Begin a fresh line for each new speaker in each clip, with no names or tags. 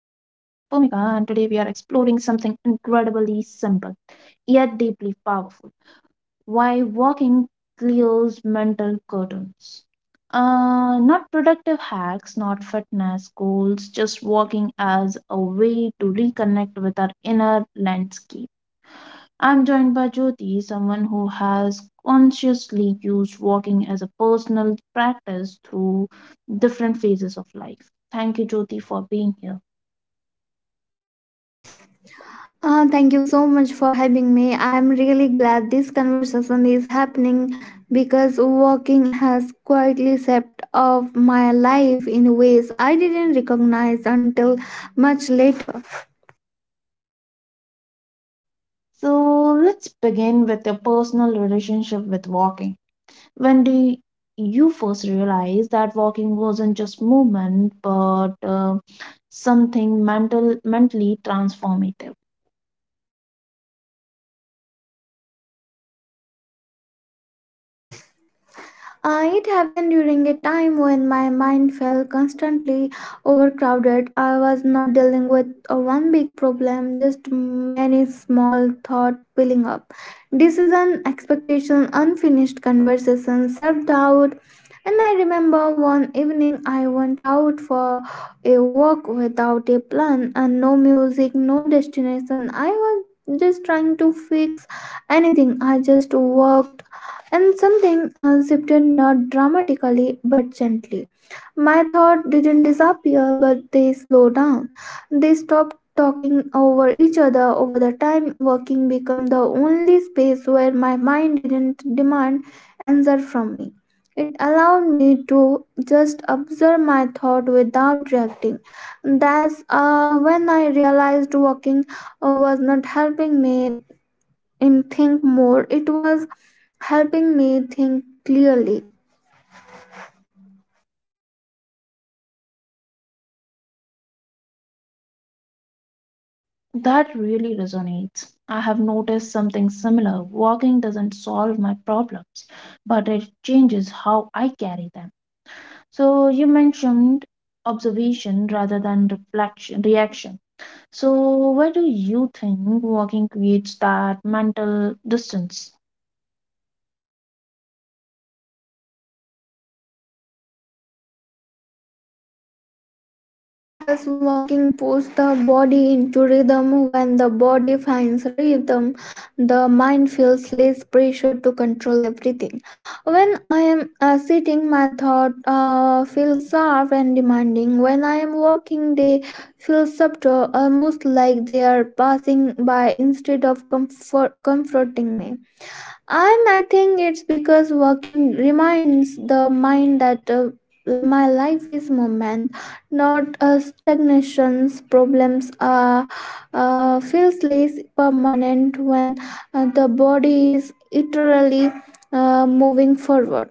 And today we are exploring something incredibly simple yet deeply powerful, why walking clears mental curtains. Not productive hacks, not fitness goals, just walking as a way to reconnect with our inner landscape. I'm joined by Jyoti, someone who has consciously used walking as a personal practice through different phases of life. Thank you, Jyoti, for being here.
Thank you so much for having me. I am really glad this conversation is happening because walking has quietly shaped of my life in ways I didn't recognize until much later.
So, let's begin with your personal relationship with walking. When do you first realize that walking wasn't just movement but something mental, mentally transformative?
It happened during a time when my mind felt constantly overcrowded. I was not dealing with one big problem, just many small thoughts piling up. Decision, expectation, unfinished conversation, self doubt. And I remember one evening I went out for a walk without a plan and no music, no destination. I was just trying to fix anything. I just walked and something shifted not dramatically but gently. My thoughts didn't disappear, but they slowed down. They stopped talking over each other over the time working became the only space where my mind didn't demand answer from me. It allowed me to just observe my thought without reacting. That's when I realized walking was not helping me in think more, it was helping me think clearly.
That really resonates. I have noticed something similar. Walking doesn't solve my problems, but it changes how I carry them. So, you mentioned observation rather than reflection, reaction. So, where do you think walking creates that mental distance?
Because walking puts the body into rhythm. When the body finds rhythm the mind feels less pressure to control everything. When I am sitting my thought feels sharp and demanding. When I am walking they feel subtle, almost like they are passing by instead of comforting me. And I think it's because working reminds the mind that my life is moment, not a stagnations. Problems feels less permanent when the body is eternally moving forward.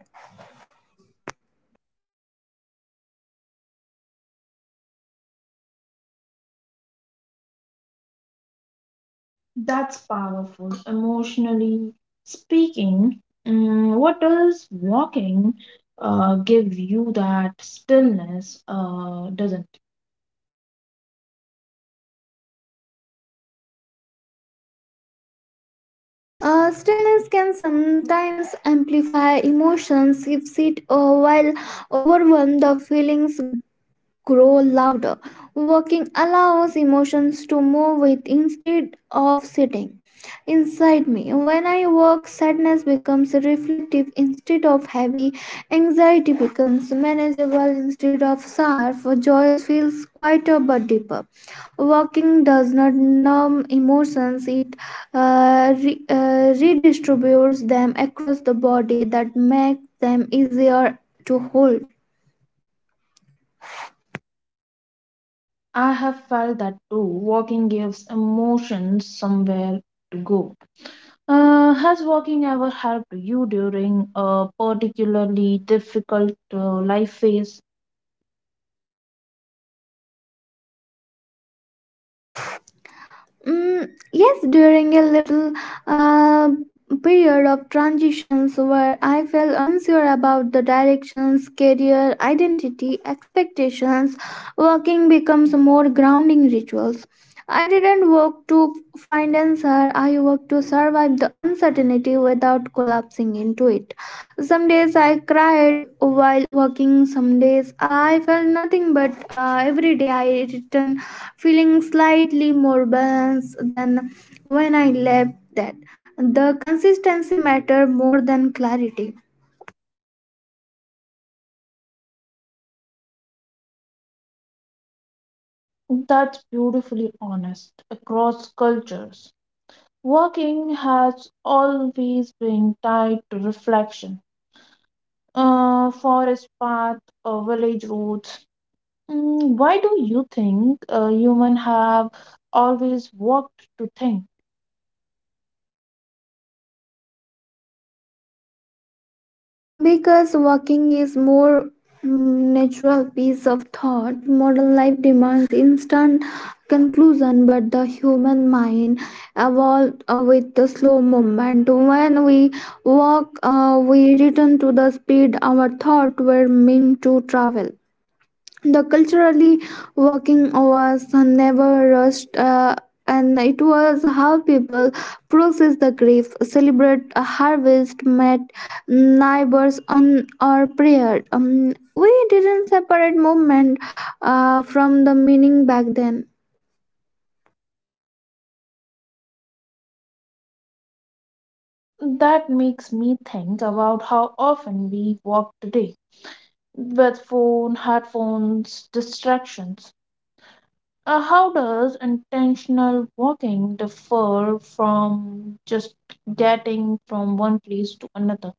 That's powerful. Emotionally speaking, what does walking give you that stillness doesn't?
Stillness can sometimes amplify emotions. If sit while overwhelmed the feelings grow louder. Walking allows emotions to move with instead of sitting inside me. When I walk, sadness becomes reflective instead of heavy, anxiety becomes manageable instead of sharp, joy feels quieter but deeper. Walking does not numb emotions, it redistributes them across the body that makes them easier to hold.
I have felt that too. Walking gives emotions somewhere to go. Has walking ever helped you during a particularly difficult life phase?
Mm. Yes, during a little uh, period of transitions where I felt unsure about the directions, career, identity, expectations, working becomes more grounding rituals. I didn't work to find answer, I worked to survive the uncertainty without collapsing into it. Some days I cried while working, some days I felt nothing, but every day I returned feeling slightly more balanced than when I left that. The consistency matter more than clarity.
That's beautifully honest. Across cultures, walking has always been tied to reflection. Forest path, village roads. Why do you think humans have always walked to think?
Because walking is more natural piece of thought. Modern life demands instant conclusion, but the human mind evolved with the slow movement. When we walk, we return to the speed our thought were meant to travel. The culturally working was never rushed, and it was how people process the grief, celebrate a harvest, met neighbors on or prayer. We didn't separate movement from the meaning back then.
That makes me think about how often we walk today with phone, headphones, distractions. How does intentional walking differ from just getting from one place to another?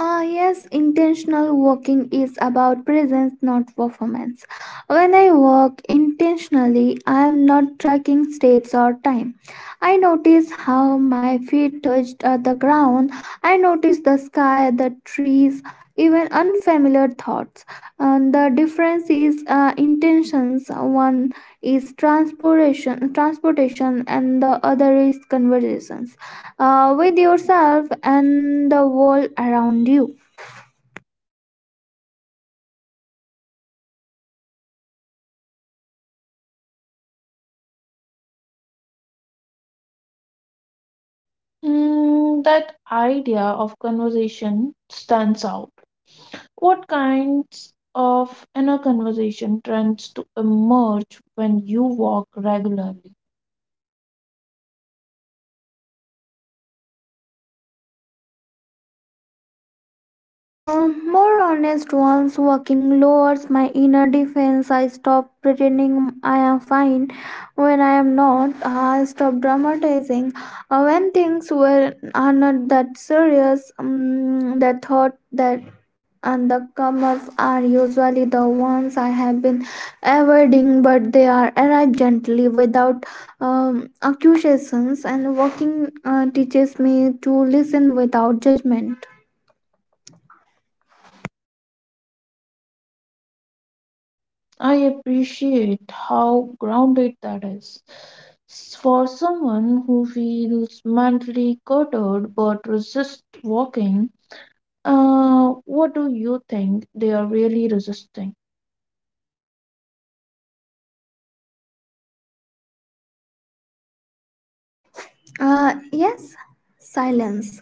Ah, yes, intentional walking is about presence, not performance. When I walk intentionally, I am not tracking states or time. I notice how my feet touched the ground. I notice the sky, the trees, even unfamiliar thoughts. And the difference is intentions. One is transportation, and the other is conversations with yourself and the world around you.
Hmm, that idea of conversation stands out. What kinds of inner conversation trends to emerge when you walk regularly?
More honest ones. Working lowers my inner defense. I stop pretending I am fine when I am not. I stop dramatizing. When things were are not that serious, the thought that and the come up are usually the ones I have been avoiding, but they are arrived gently without accusations. And walking teaches me to listen without judgment.
I appreciate how grounded that is. For someone who feels mentally cluttered but resists walking, what do you think they are really resisting?
Yes, silence.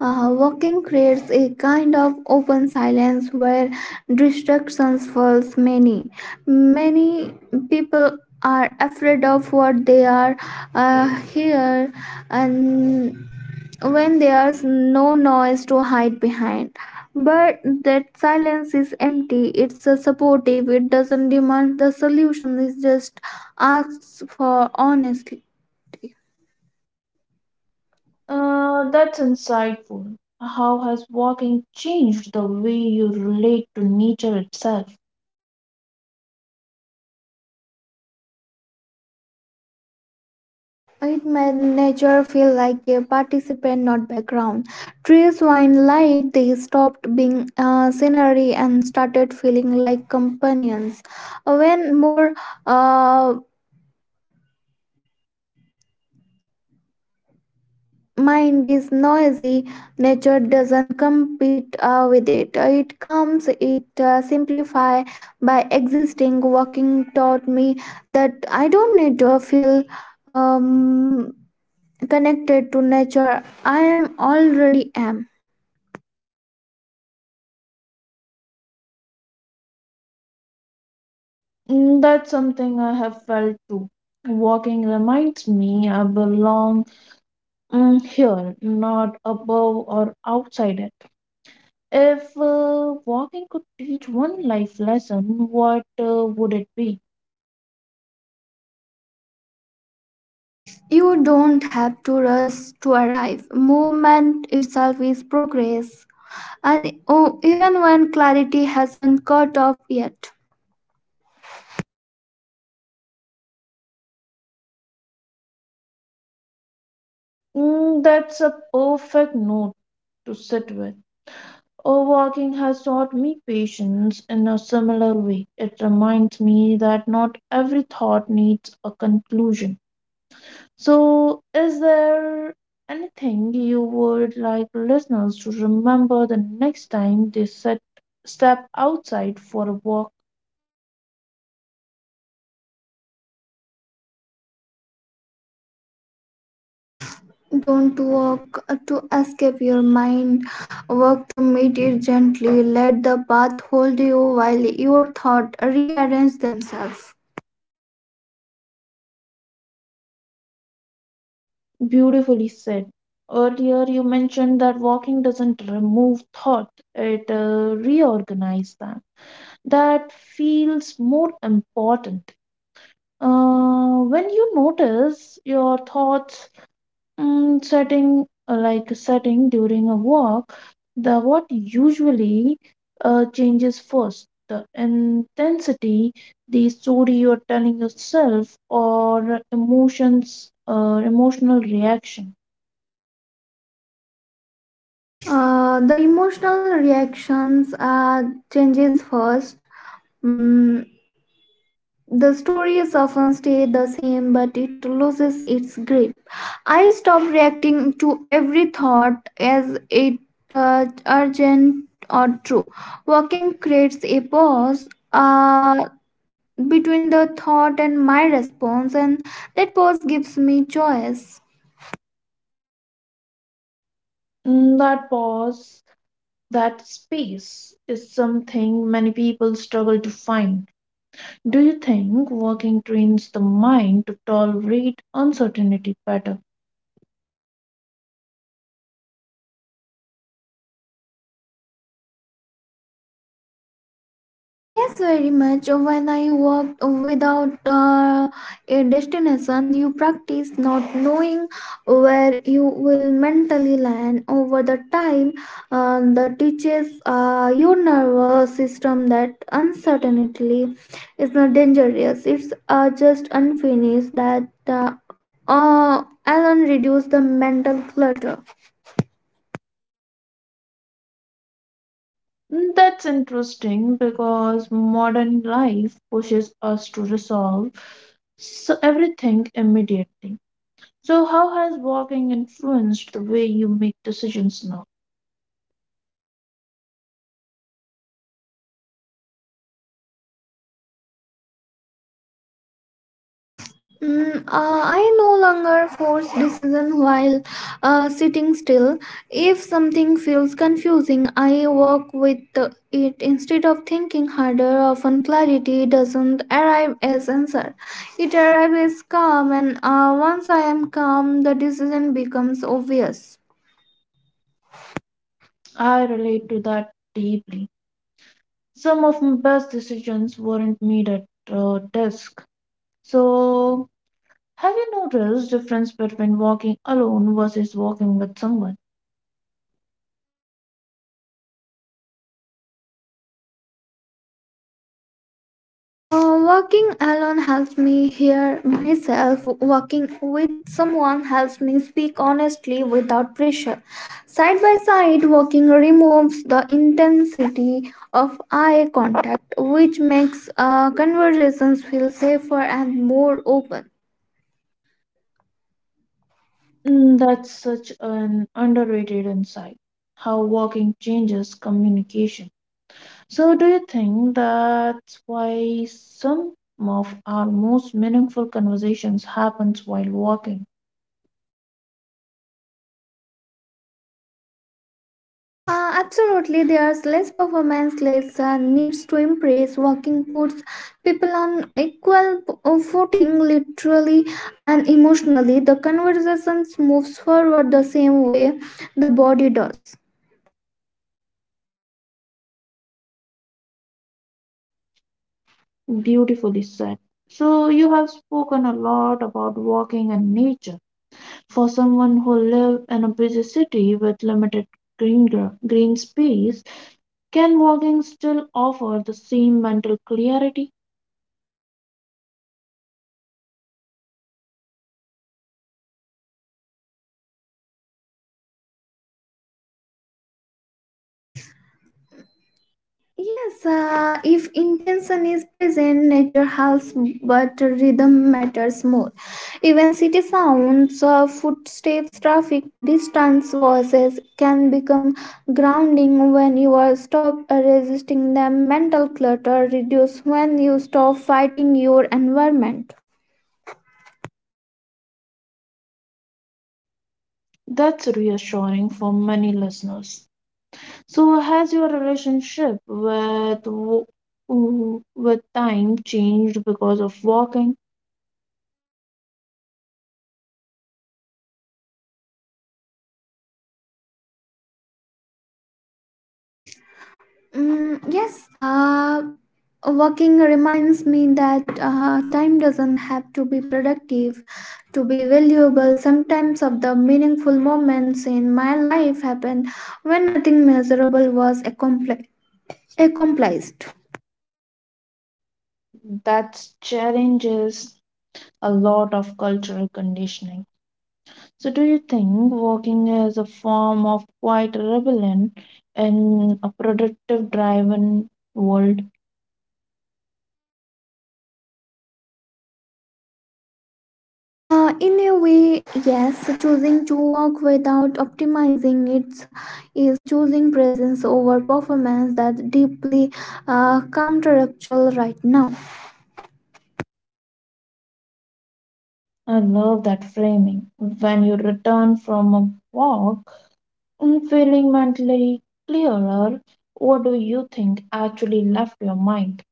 Walking creates a kind of open silence where distractions falls many. Many people are afraid of what they are here and when there's no noise to hide behind. But that silence is empty, it's supportive, it doesn't demand the solution, it just asks for honesty.
That's insightful. How has walking changed the way you relate to nature itself?
It made nature feel like a participant, not background. Trees wine light, they stopped being scenery and started feeling like companions. When more uh, mind is noisy, nature doesn't compete with it. It comes, it simplify by existing. Walking taught me that I don't need to feel um, connected to nature. I am already am.
Mm, that's something I have felt too. Walking reminds me I belong here, not above or outside it. If walking could teach one life lesson, what would it be?
You don't have to rush to arrive. Movement itself is progress. And oh, even when clarity hasn't caught up yet.
Mm, that's a perfect note to sit with. Oh, walking has taught me patience in a similar way. It reminds me that not every thought needs a conclusion. So, is there anything you would like listeners to remember the next time they step outside for a walk?
Don't walk to escape your mind. Walk to meet it gently. Let the path hold you while your thoughts rearrange themselves.
Beautifully said. Earlier, you mentioned that walking doesn't remove thought, it reorganizes them. That feels more important. When you notice your thoughts setting during a walk, the what usually changes first, the intensity, the story you're telling yourself, or emotions, emotional reaction.
The emotional reactions are changes first. Mm. The stories often stay the same, but it loses its grip. I stop reacting to every thought as it urgent or true. Walking creates a pause between the thought and my response, and that pause gives me choice.
Mm, that pause, that space is something many people struggle to find. Do you think working trains the mind to tolerate uncertainty better?
Ah, yes, very much. When I walked without a destination, you practice not knowing where you will mentally land. Over the time, the teaches your nervous system that uncertainty is not dangerous. It's just unfinished. That uh, alone reduce the mental clutter.
Mm, that's interesting because modern life pushes us to resolve everything immediately. So, how has walking influenced the way you make decisions now?
I no longer force decision while sitting still. If something feels confusing, I work with it instead of thinking harder. Often clarity doesn't arrive as answer; it arrives as calm, and once I am calm, the decision becomes obvious.
I relate to that deeply. Some of my best decisions weren't made at desk. So, have you noticed difference between walking alone versus walking with someone?
Walking alone helps me hear myself. Walking with someone helps me speak honestly without pressure. Side by side, walking removes the intensity of eye contact, which makes conversations feel safer and more open.
Mm, that's such an underrated insight. How walking changes communication. So, do you think that's why some of our most meaningful conversations happens while walking?
Absolutely, there's less performance, less needs to impress. Walking puts people on equal footing, literally and emotionally. The conversation moves forward the same way the body does.
Beautifully said. So, you have spoken a lot about walking and nature. For someone who live in a busy city with limited green space, can walking still offer the same mental clarity?
Yes, if intention is present, nature helps, but rhythm matters more. Even city sounds, footsteps, traffic, distance, voices can become grounding when you are stop resisting them. Mental clutter reduce when you stop fighting your environment.
That's reassuring for many listeners. So, has your relationship with with time changed because of walking?
Mm, yes, working reminds me that time doesn't have to be productive to be valuable. Sometimes of the meaningful moments in my life happened when nothing measurable was accomplished.
That challenges a lot of cultural conditioning. So, do you think walking is a form of quite rebellion in a productive-driven world?
In a way, yes, choosing to work without optimizing it is choosing presence over performance that deeply counteractual right now.
I love that framing. When you return from a walk, I'm feeling mentally clearer. What do you think actually left your mind?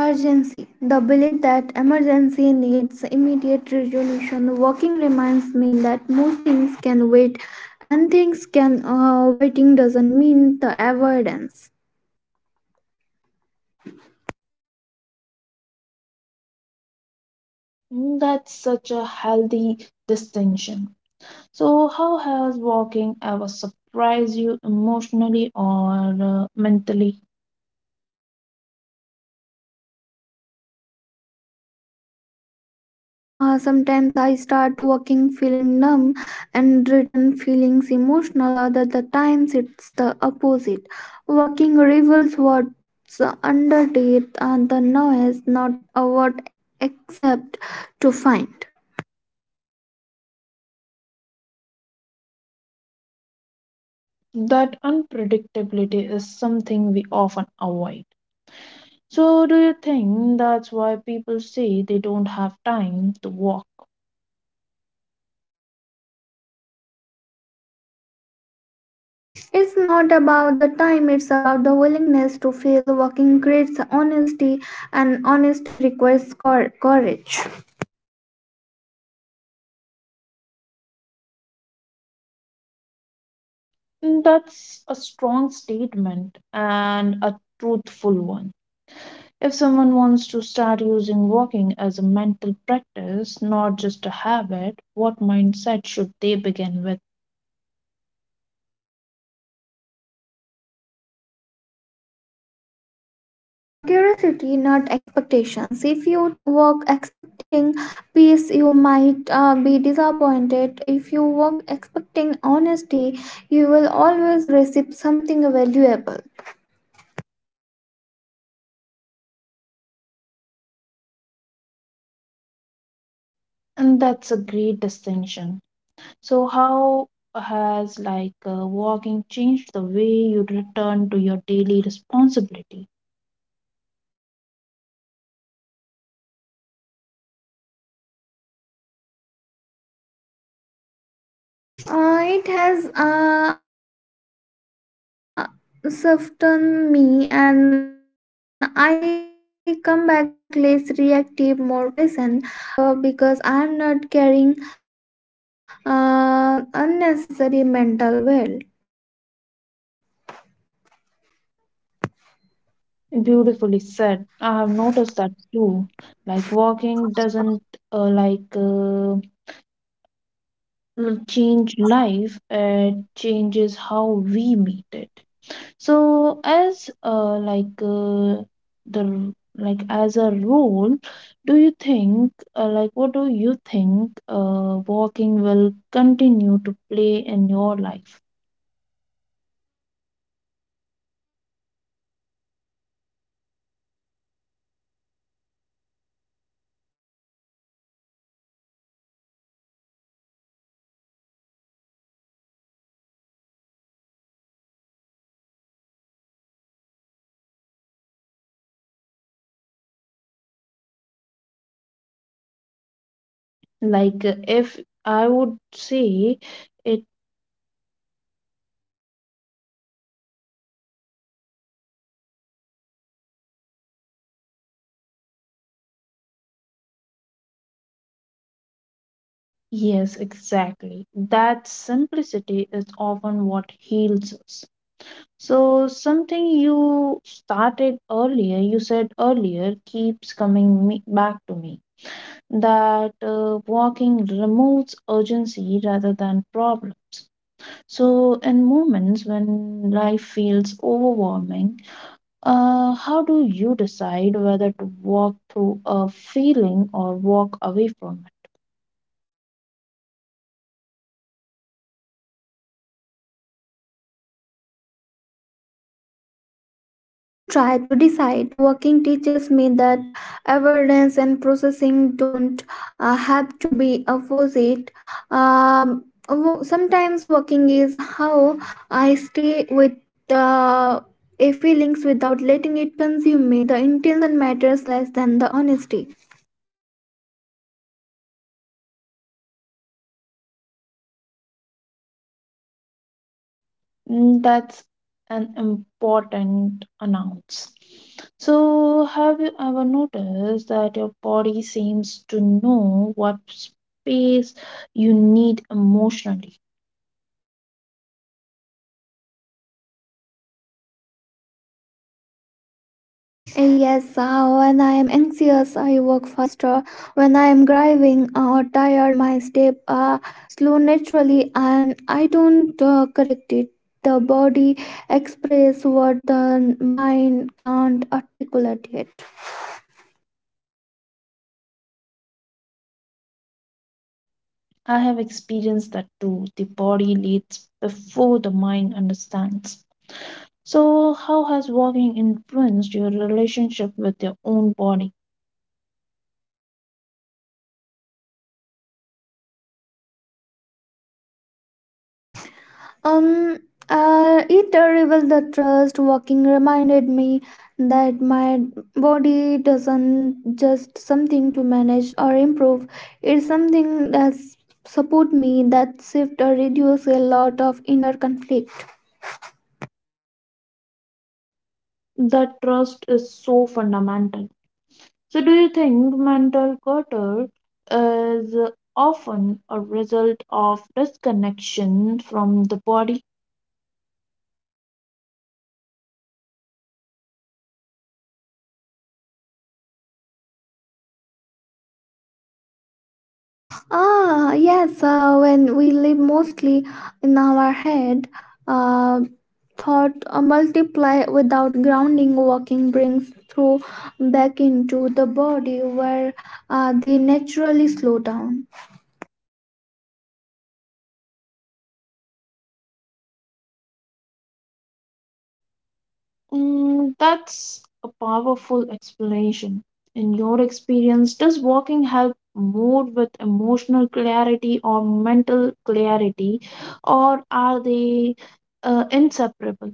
Urgency. The belief that emergency needs immediate resolution. Walking reminds me that most things can wait, and things can waiting doesn't mean the avoidance.
Mm, that's such a healthy distinction. So, how has walking ever surprised you emotionally or mentally?
Many times, sometimes I start walking feeling numb and return feelings emotional. Other the times it's the opposite. Walking reveals what's underneath and the noise, not what except to find.
That unpredictability is something we often avoid. So, do you think that's why people say they don't have time to walk?
It's not about the time, it's about the willingness to fail. Walking creates honesty, and honesty requires courage.
Mm, that's a strong statement and a truthful one. If someone wants to start using walking as a mental practice, not just a habit, what mindset should they begin with?
Curiosity, not expectations. If you walk expecting peace, you might be disappointed. If you walk expecting honesty, you will always receive something valuable.
And that's a great distinction. So, how has walking changed the way you return to your daily responsibility?
It has softened me, and I come back less reactive, more patient. Tasks don't disappear, but they feel lighter because I'm not carrying unnecessary mental weight.
Beautifully said. I have noticed that too. Like walking doesn't uh, like uh, change life; it changes how we meet it. So as like the like as a rule, do you think walking will continue to play in your life.
It will remain my reset button. No matter how complex life becomes, working keeps me grounding, something simple and true.
Like if I would say it Yes, exactly, that simplicity is often what heals us. So something you started earlier you said earlier keeps coming back to me, that walking removes urgency rather than problems. So, in moments when life feels overwhelming, how do you decide whether to walk through a feeling or walk away from
I don't try to decide. Working teaches me that avoidance and processing don't have to be opposite. Sometimes working is how I stay with uh, a feelings without letting it consume me. The intention matters less than the honesty.
it? Mm, that's an important announce. So, have you ever noticed that your body seems to know what space you need emotionally?
Yes, when I am anxious, I walk faster. When I am driving or tired, my step slow naturally, and I don't correct it. The body express what the mind can't articulate yet.
I have experienced that too. The body leads before the mind understands. So, how has walking influenced your relationship with your own body?
Um, it revealed the trust. Walking reminded me that my body doesn't just something to manage or improve. It's something that support me. That shift reduce a lot of inner conflict.
That trust is so fundamental. So, do you think mental clutter is often a result of disconnection from the body?
Ah, yes, when we live mostly in our head, uh, thought multiply without grounding. Walking brings through back into the body where they naturally slow down.
Mm, that's a powerful explanation. In your experience, does walking help more with emotional clarity or mental clarity, or are they inseparable?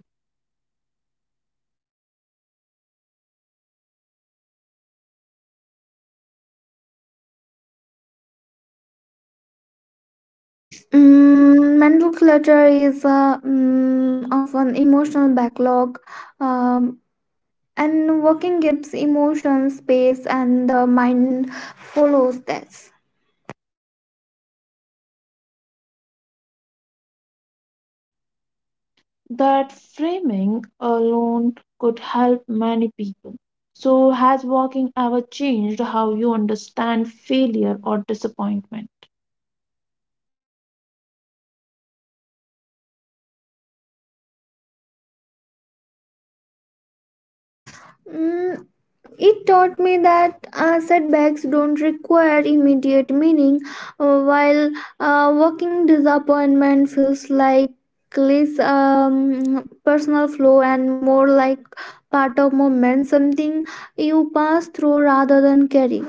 Mm, mental clutter is often emotional backlog, um, and walking gives emotion space and the mind follows that.
That framing alone could help many people. So, has walking ever changed how you understand failure or disappointment?
Mm. It taught me that setbacks don't require immediate meaning, while walking disappointment feels like less personal flow and more like part of moment, something you pass through rather than carry.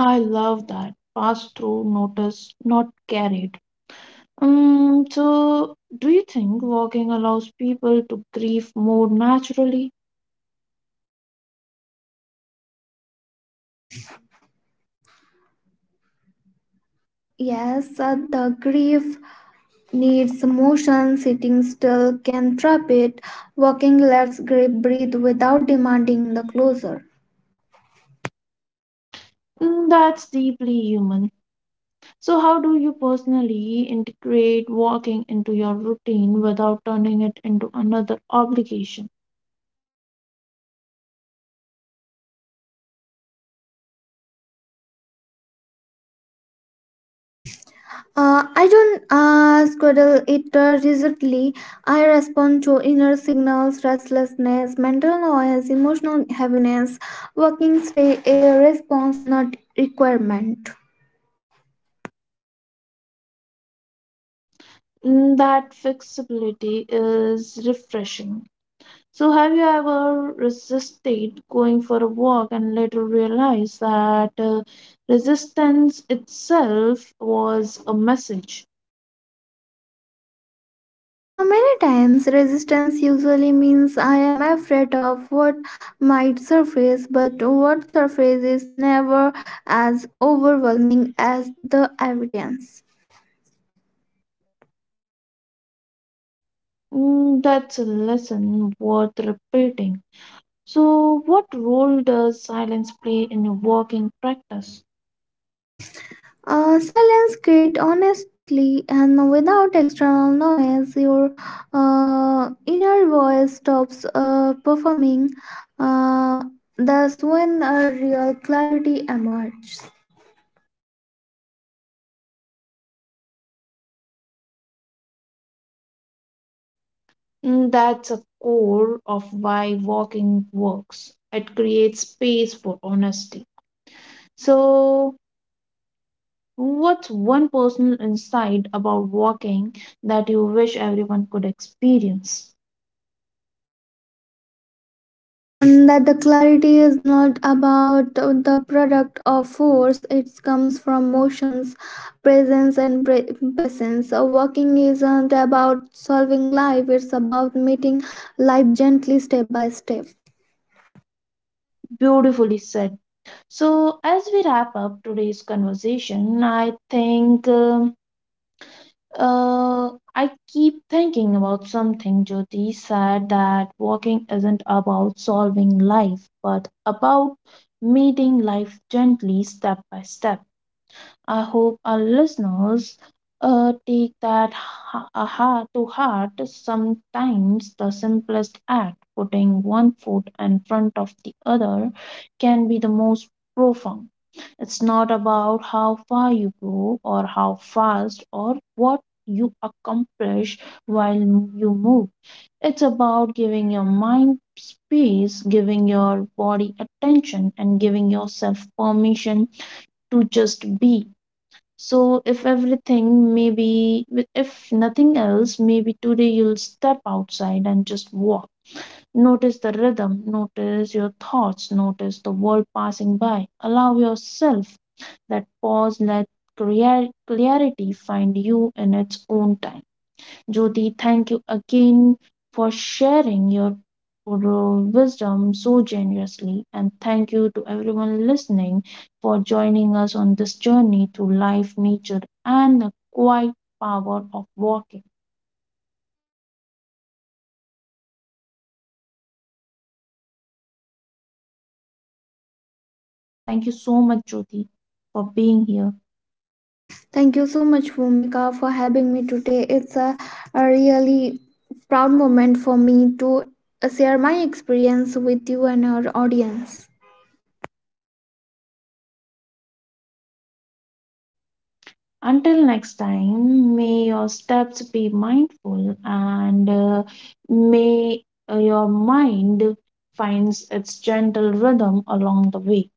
I love that. Pass through, notice, not carried. So, do you think walking allows people to grieve more naturally?
Yes, the grief needs motion, sitting still can trap it, walking lets grief breathe without demanding the closure.
Mm, that's deeply human. So, how do you personally integrate walking into your routine without turning it into another obligation?
I don't squaddle it rigidly. I respond to inner signals, restlessness, mental noise, emotional heaviness, working stay a response, not requirement.
Mm, that flexibility is refreshing. So, have you ever resisted going for a walk and later realized that resistance itself was a message?
Many times, resistance usually means I am afraid of what might surface, but what surfaces is never as overwhelming as the evidence.
Mm, that's a lesson worth repeating. So, what role does silence play in walking practice?
Silence create honestly and without external noise your inner voice stops performing, uh, thus when a real clarity emerges
Mm, that's a core of why walking works. It creates space for honesty. So, what's one personal insight about walking that you wish everyone could experience?
and that the clarity is not about the product of force. It comes from motions, presence and presence. Walking isn't about solving life, it's about meeting life gently, step by step.
Beautifully said. So, as we wrap up today's conversation, Uh, I keep thinking about something Jyoti said, that walking isn't about solving life, but about meeting life gently, step by step. I hope our listeners take that aha to heart. Sometimes the simplest act, putting one foot in front of the other, can be the most profound. It's not about how far you go or how fast or what you accomplish while you move. It's about giving your mind space, giving your body attention, and giving yourself permission to just be. So, if everything, maybe, if nothing else, maybe today you'll step outside and just walk. Notice the rhythm, notice your thoughts, notice the world passing by. Allow yourself that pause, let clarity find you in its own time. Jyoti, thank you again for sharing your wisdom so generously. And thank you to everyone listening for joining us on this journey through life, nature, and the quiet power of walking. Thank you so much, Jyoti, for being here.
Thank you so much, Vomika, for having me today. It's a really proud moment for me to share my experience with you and our audience.
Until next time, may your steps be mindful and may your mind finds its gentle rhythm along the way.